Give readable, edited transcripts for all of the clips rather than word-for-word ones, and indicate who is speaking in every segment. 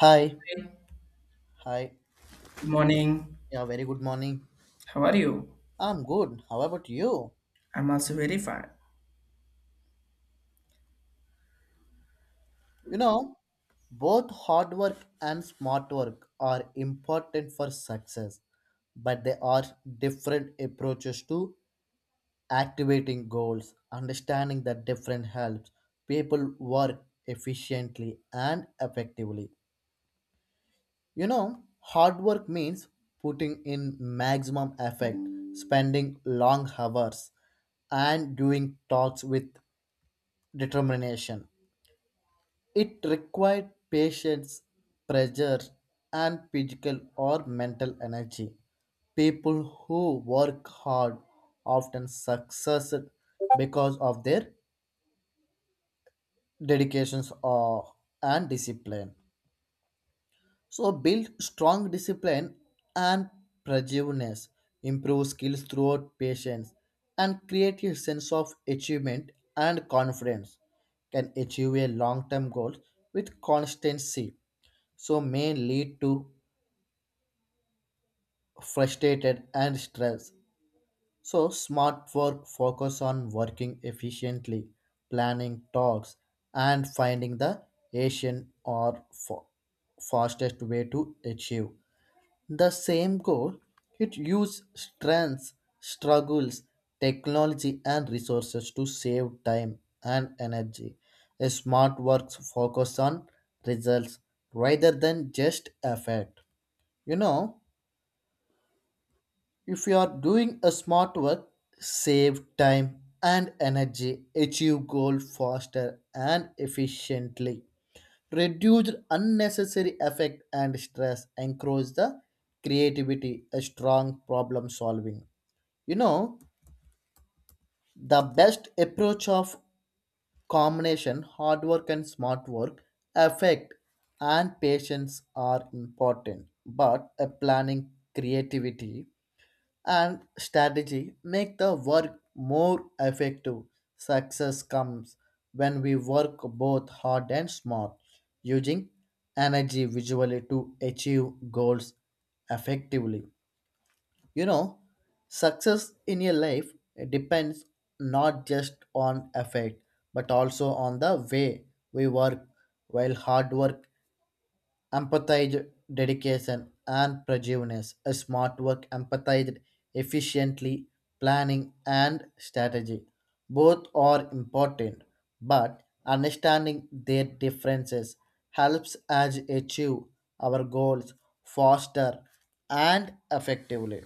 Speaker 1: Hi.
Speaker 2: Good
Speaker 1: Hi.
Speaker 2: morning.
Speaker 1: Yeah, very good morning.
Speaker 2: How are you?
Speaker 1: I'm good. How about you?
Speaker 2: I'm also very fine.
Speaker 1: You know, Both hard work and smart work are important for success, but they are different approaches to activating goals. Understanding that different helps people work efficiently and effectively. Hard work means putting in maximum effort, spending long hours, and doing talks with determination. It required patience, pressure, and physical or mental energy. People who work hard often succeed because of their dedications or and discipline. So build strong discipline and perseverance, improve skills throughout patience, and create a sense of achievement and confidence. Can achieve a long-term goal with constancy, so may lead to frustrated and stress. So smart work focus on working efficiently, planning talks, and finding the Asian or fa- fastest way to achieve the same goal. It used strengths, struggles, technology, and resources to save time and energy. A smart works focus on results rather than just effect. You know, if you are doing a smart work, save time and energy, achieve goal faster and efficiently reduce unnecessary effect and stress encourage the creativity a strong problem solving you know the best approach of combination hard work and smart work effect and patience are important, but a planning creativity and strategy make the work more effective. Success comes when we work both hard and smart, using energy visually to achieve goals effectively. You know, Success in your life depends not just on effort but also on the way we work, while hard work empathized dedication and perseverance. A smart work empathized efficiently, planning and strategy. Both are important, but understanding their differences helps us achieve our goals faster and effectively,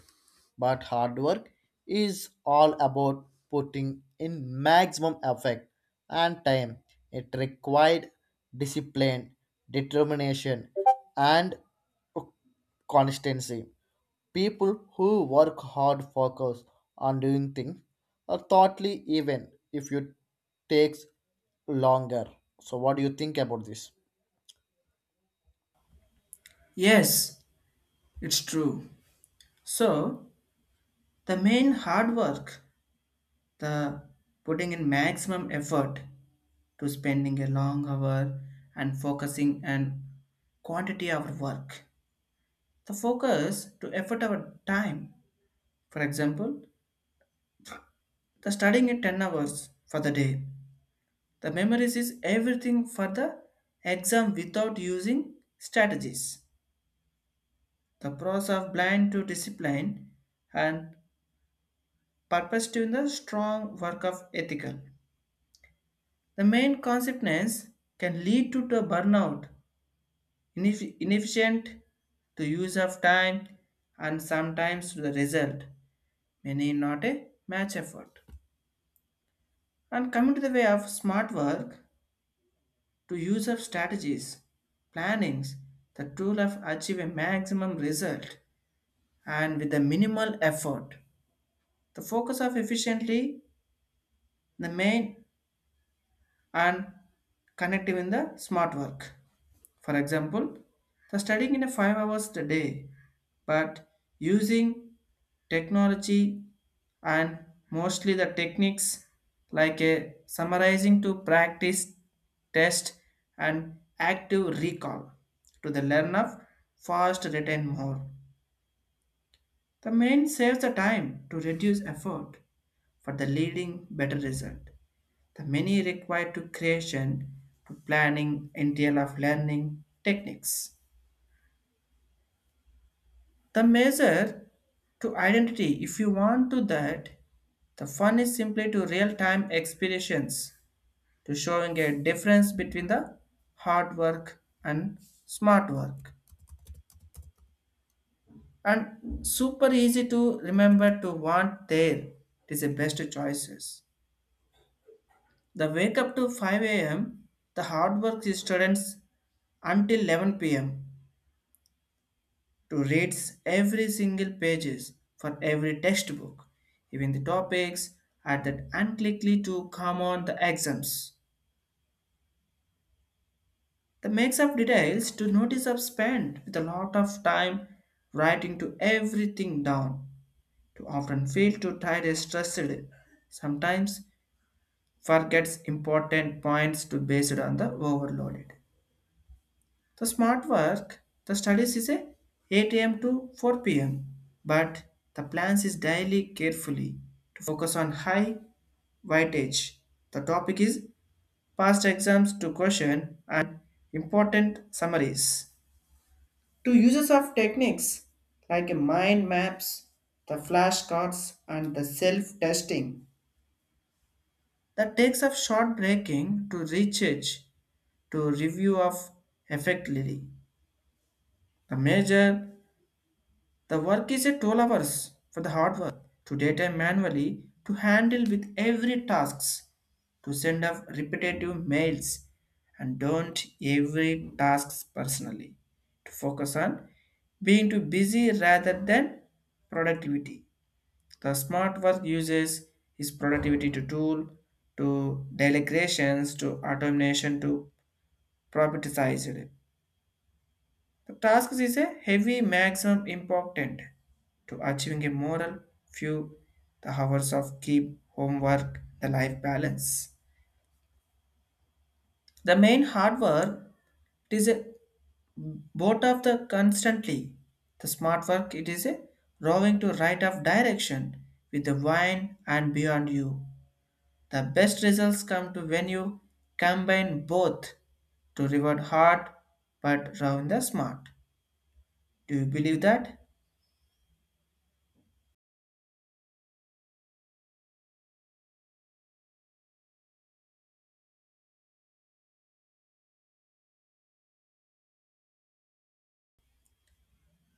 Speaker 1: but hard work is all about putting in maximum effort and time. It required discipline, determination, and constancy. People who work hard focus on doing things or thoughtly even if it takes longer. So what do you think about this?
Speaker 2: Yes, it's true. So, the main hard work, the putting in maximum effort to spending a long hour and focusing and quantity of work. The focus to effort our time. For example, the studying at 10 hours for the day. The memories is everything for the exam without using strategies. The process of blind to discipline and purpose to the strong work of ethical. The main consequence can lead to the burnout, inefficient, the use of time, and sometimes to the result may not a match effort. And coming to the way of smart work, to use of strategies, plannings, the tool of achieve a maximum result and with a minimal effort. The focus of efficiently, the main and connective in the smart work. For example, the studying in a 5 hours a day, but using technology and mostly the techniques like a summarizing to practice, test, and active recall to the learn of fast retain more. The main saves the time to reduce effort for the leading better result. The many required to creation to planning entail of learning techniques. The measure to identity, if you want to that, the fun is simply to real-time experience to showing a difference between the hard work and smart work. And super easy to remember to want there. It is the best choices. The wake up to 5 a.m. The hard work is students until 11 p.m. to reads every single pages for every textbook, even the topics are that unlikely to come on the exams. The makes up details to notice of spent with a lot of time writing to everything down, to often feel too tired and stressed, sometimes forgets important points to based on the overloaded. The smart work, the studies is a 8 a.m. to 4 p.m. But the plans is daily carefully to focus on high weightage. The topic is past exams to question and important summaries. To uses of techniques like mind maps, the flashcards, and the self-testing. That takes of short breaking to recharge to review of effectively. The major the work is a 12 hours for the hard work to data manually to handle with every tasks to send off repetitive mails and don't every tasks personally to focus on being too busy rather than productivity. The smart work uses is productivity to tool to delegations to automation to prioritize it. The task is a heavy maximum important to achieving a moral few the hours of keep homework the life balance. The main hard work it is a both of the constantly. The smart work it is a rowing to right of direction with the wine and beyond you. The best results come to when you combine both to reward hard but row in the smart. Do you believe that?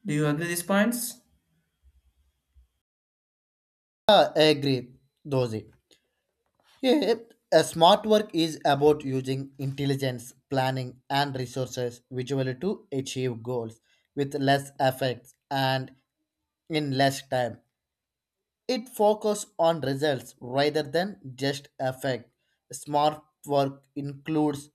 Speaker 2: Do you agree these points?
Speaker 1: I agree, Dozi. Yeah, a smart work is about using intelligence, planning, and resources visually to achieve goals with less effects and in less time. It focuses on results rather than just effect. Smart work includes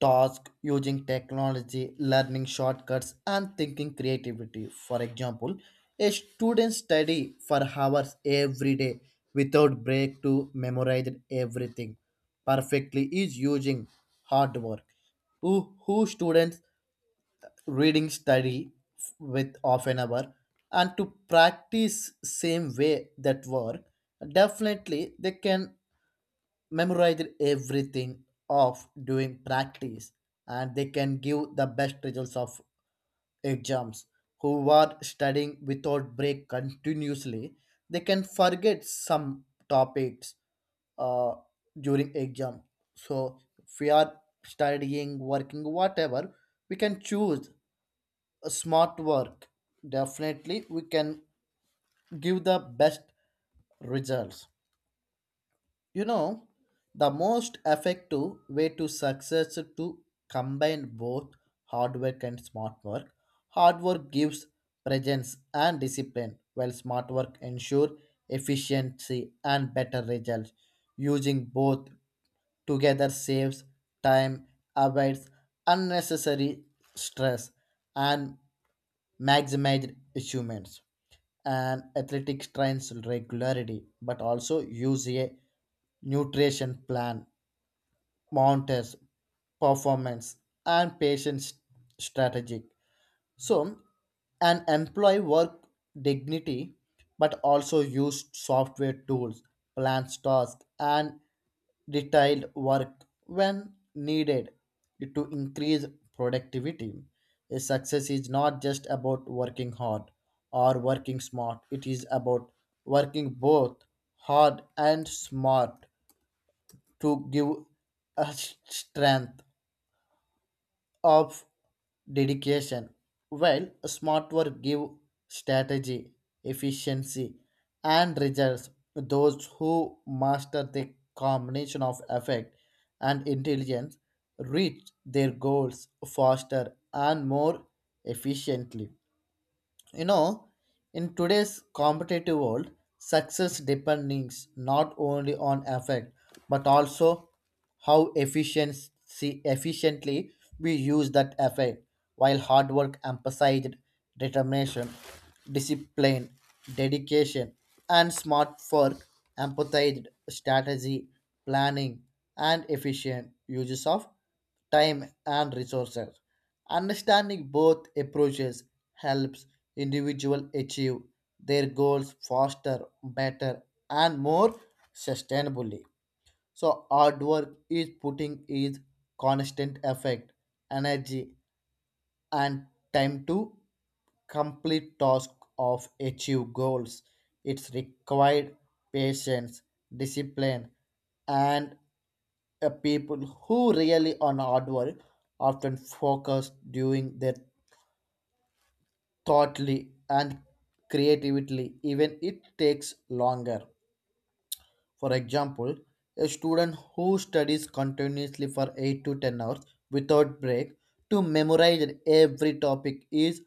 Speaker 1: tasks using technology, learning shortcuts, and thinking creativity. For example, a student study for hours every day without break to memorize everything perfectly is using hard work. Who students reading study with half an hour and to practice same way that work, definitely they can memorize everything of doing practice, and they can give the best results of exams. Who are studying without break continuously, they can forget some topics uh, during exam. So if we are studying working whatever, we can choose smart work, definitely we can give the best results you know the most effective way to success is to combine both hard work and smart work. Hard work gives presence and discipline, while smart work ensure efficiency and better results. Using both together saves time, avoids unnecessary stress, and maximize achievements. And athletics trains regularity but also use a nutrition plan, monitors performance and strategic. So an employee work dignity but also use software tools, plans tasks and detailed work when needed to increase productivity. A success is not just about working hard or working smart, it is about working both hard and smart to give us strength of dedication, while smart work give strategy, efficiency, and results. Those who master the combination of effect and intelligence reach their goals faster and more efficiently. you know, in today's competitive world, success depends not only on effort but also how efficiency efficiently we use that effort. While hard work emphasized determination, discipline, dedication, and smart work emphasized strategy, planning, and efficient uses of time and resources. Understanding both approaches helps individuals achieve their goals faster, better, and more sustainably. So hard work is putting is constant effort, energy, and time to complete task of achieve goals. It's required patience, discipline, and people who rely on hard work often focus during their thoughtly and creatively, even it takes longer. For example, a student who studies continuously for 8 to 10 hours without break to memorize every topic is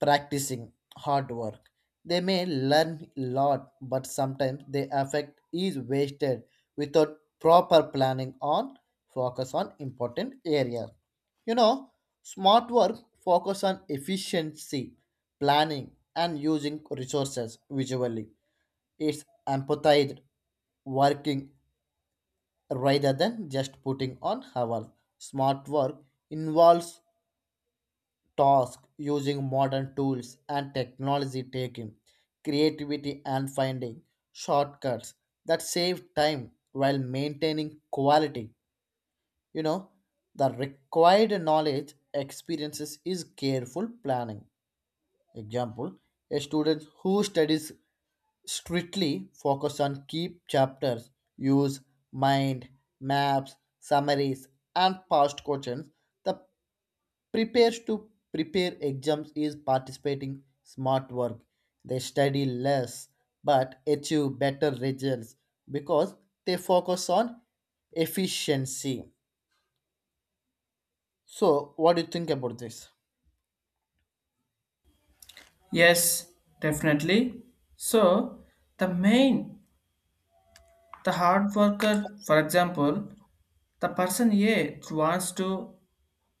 Speaker 1: practicing hard work. They may learn a lot, but sometimes their effect is wasted without proper planning on focus on important areas. You know, Smart work focus on efficiency, planning, and using resources visually. It's empathized working rather than just putting on hours. Smart work involves task using modern tools and technology taking creativity and finding shortcuts that save time while maintaining quality you know the required knowledge experiences is careful planning. Example, a student who studies strictly focus on key chapters, use mind maps, summaries and past questions, the prepares to prepare exams is participating smart work. They study less but achieve better results because they focus on efficiency. So, what do you think about this?
Speaker 2: Yes, definitely. So, the main, the hard worker, for example, the person A wants to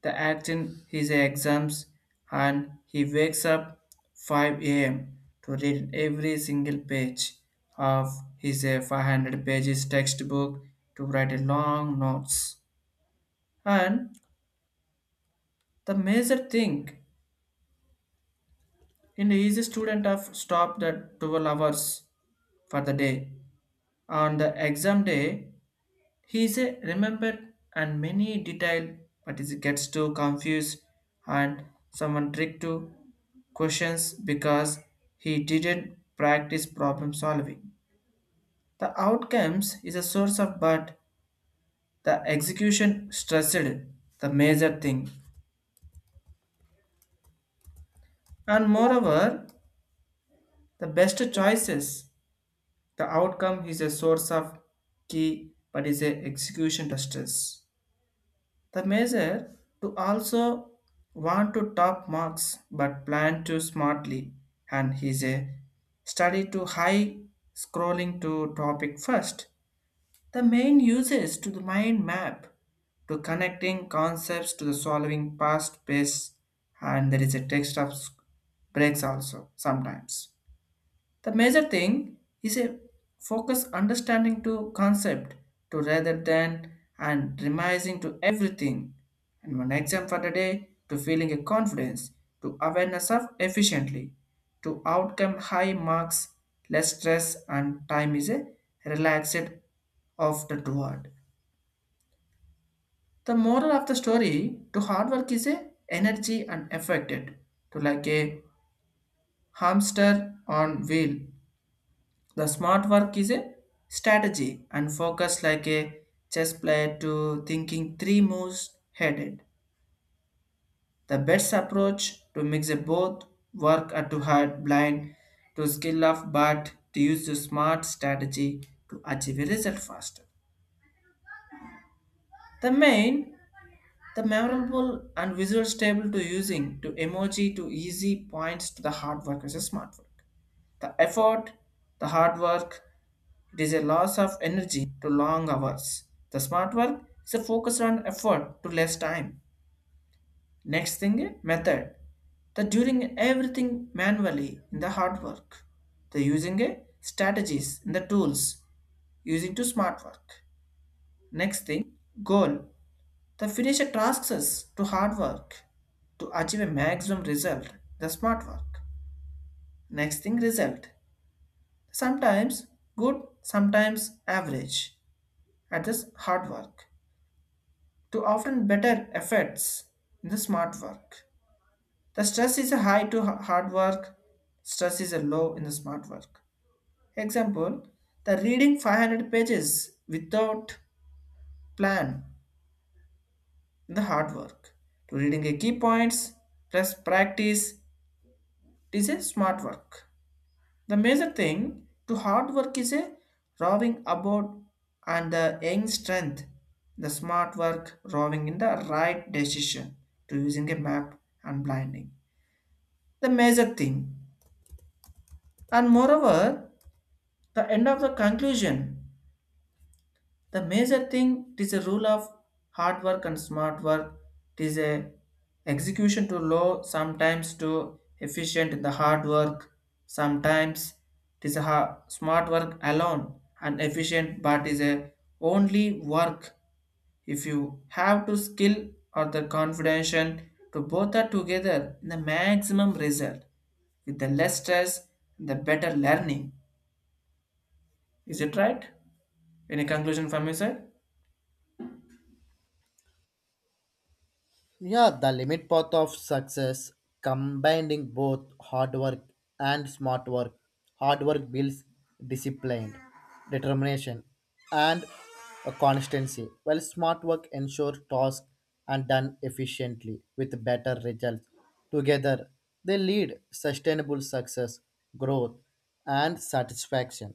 Speaker 2: the act in his exams and he wakes up 5 a.m. to read every single page of his 500 pages textbook to write a long notes. And the major thing in his student of stop the 12 hours for the day. On the exam day, he is a remembered and many detail, but he gets too confused and someone trick to questions because he didn't practice problem solving. The outcomes is a source of but the execution stressed the major thing. And moreover, the best choices, the outcome is a source of key but is a execution stress. The measure to also want to top marks but plan too smartly and his a study to high scrolling to topic first. The main uses to the mind map to connecting concepts to the solving past based and there is a text of breaks also sometimes. The major thing is a focus understanding to concept to rather than and remizing to everything. And one exam for the day to feeling a confidence to awareness of efficiently to outcome high marks, less stress and time is a relaxed of the toward. The moral of the story to hard work is a energy and affected to like a hamster on wheel. The smart work is a strategy and focus like a chess player to thinking three moves headed. The best approach to mix a both work at to hard blind to skill of but to use the smart strategy to achieve a result faster. The main, the memorable and visual stable to using to emoji to easy points to the hard work as a smart work. The effort, the hard work, it is a loss of energy to long hours. The smart work is a focus on effort to less time. Next thing, method. The doing everything manually in the hard work. The using a strategies in the tools using to smart work. Next thing, goal. The finish a tasks to hard work to achieve a maximum result. The smart work. Next thing, result. Sometimes good, sometimes average at this hard work, to often better effects in the smart work. The stress is a high to hard work, stress is a low in the smart work. Example, the reading 500 pages without plan in the hard work. To reading a key points plus practice it is a smart work. The major thing to hard work is a rowing about and the young strength, the smart work rowing in the right decision to using a map and blinding. The major thing. And moreover, the end of the conclusion. The major thing it is a rule of hard work and smart work. It is a execution to low, sometimes to efficient in the hard work. Sometimes it is a smart work alone and efficient, but is a only work if you have to skill or the confidence to both are together the maximum result with the less stress the better learning. Is it right? Any conclusion from your side?
Speaker 1: Yeah, the limit path of success, combining both hard work and smart work. Hard work builds discipline, determination, and a constancy, while smart work ensures tasks and done efficiently with better results. Together, they lead sustainable success, growth, and satisfaction.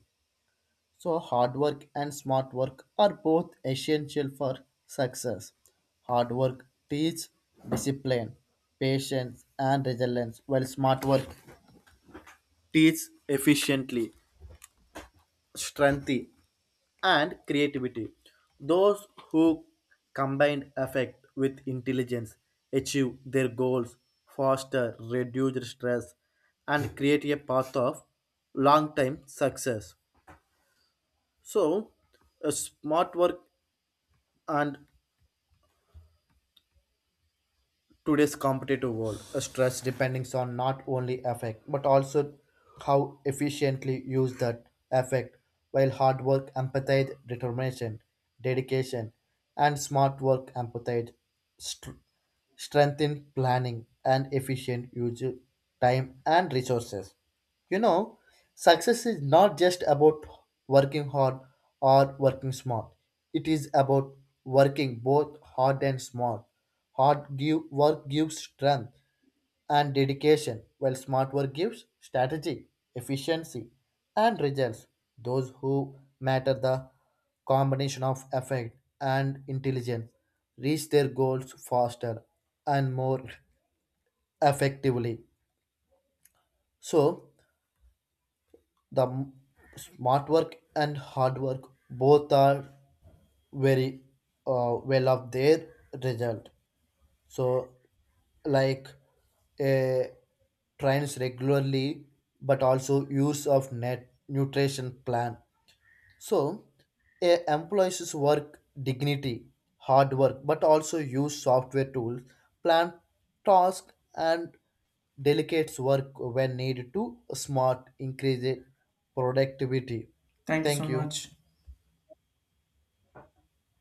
Speaker 1: So, hard work and smart work are both essential for success. Hard work teaches discipline, patience, and resilience, while smart work teaches efficiently, strength, and creativity. Those who combine effect with intelligence achieve their goals faster, reduce stress, and create a path of long-term success. So, smart work and today's competitive world, stress depends on not only effect but also how efficiently use that effect. While hard work, empathy, determination, dedication, and smart work, empathy, str- strengthen planning and efficient use of time and resources. You know, Success is not just about working hard or working smart. It is about working both hard and smart. Work gives strength and dedication, while smart work gives strategy, efficiency, and results. Those who matter the combination of effect and intelligence reach their goals faster and more effectively. So, the m- smart work and hard work both are very well of their result. So like a trains regularly but also use of net nutrition plan. So, a employees work dignity, hard work, but also use software tools, plan task, and delegates work when needed to smart increase productivity.
Speaker 2: Thank you so
Speaker 1: Thank you.
Speaker 2: much.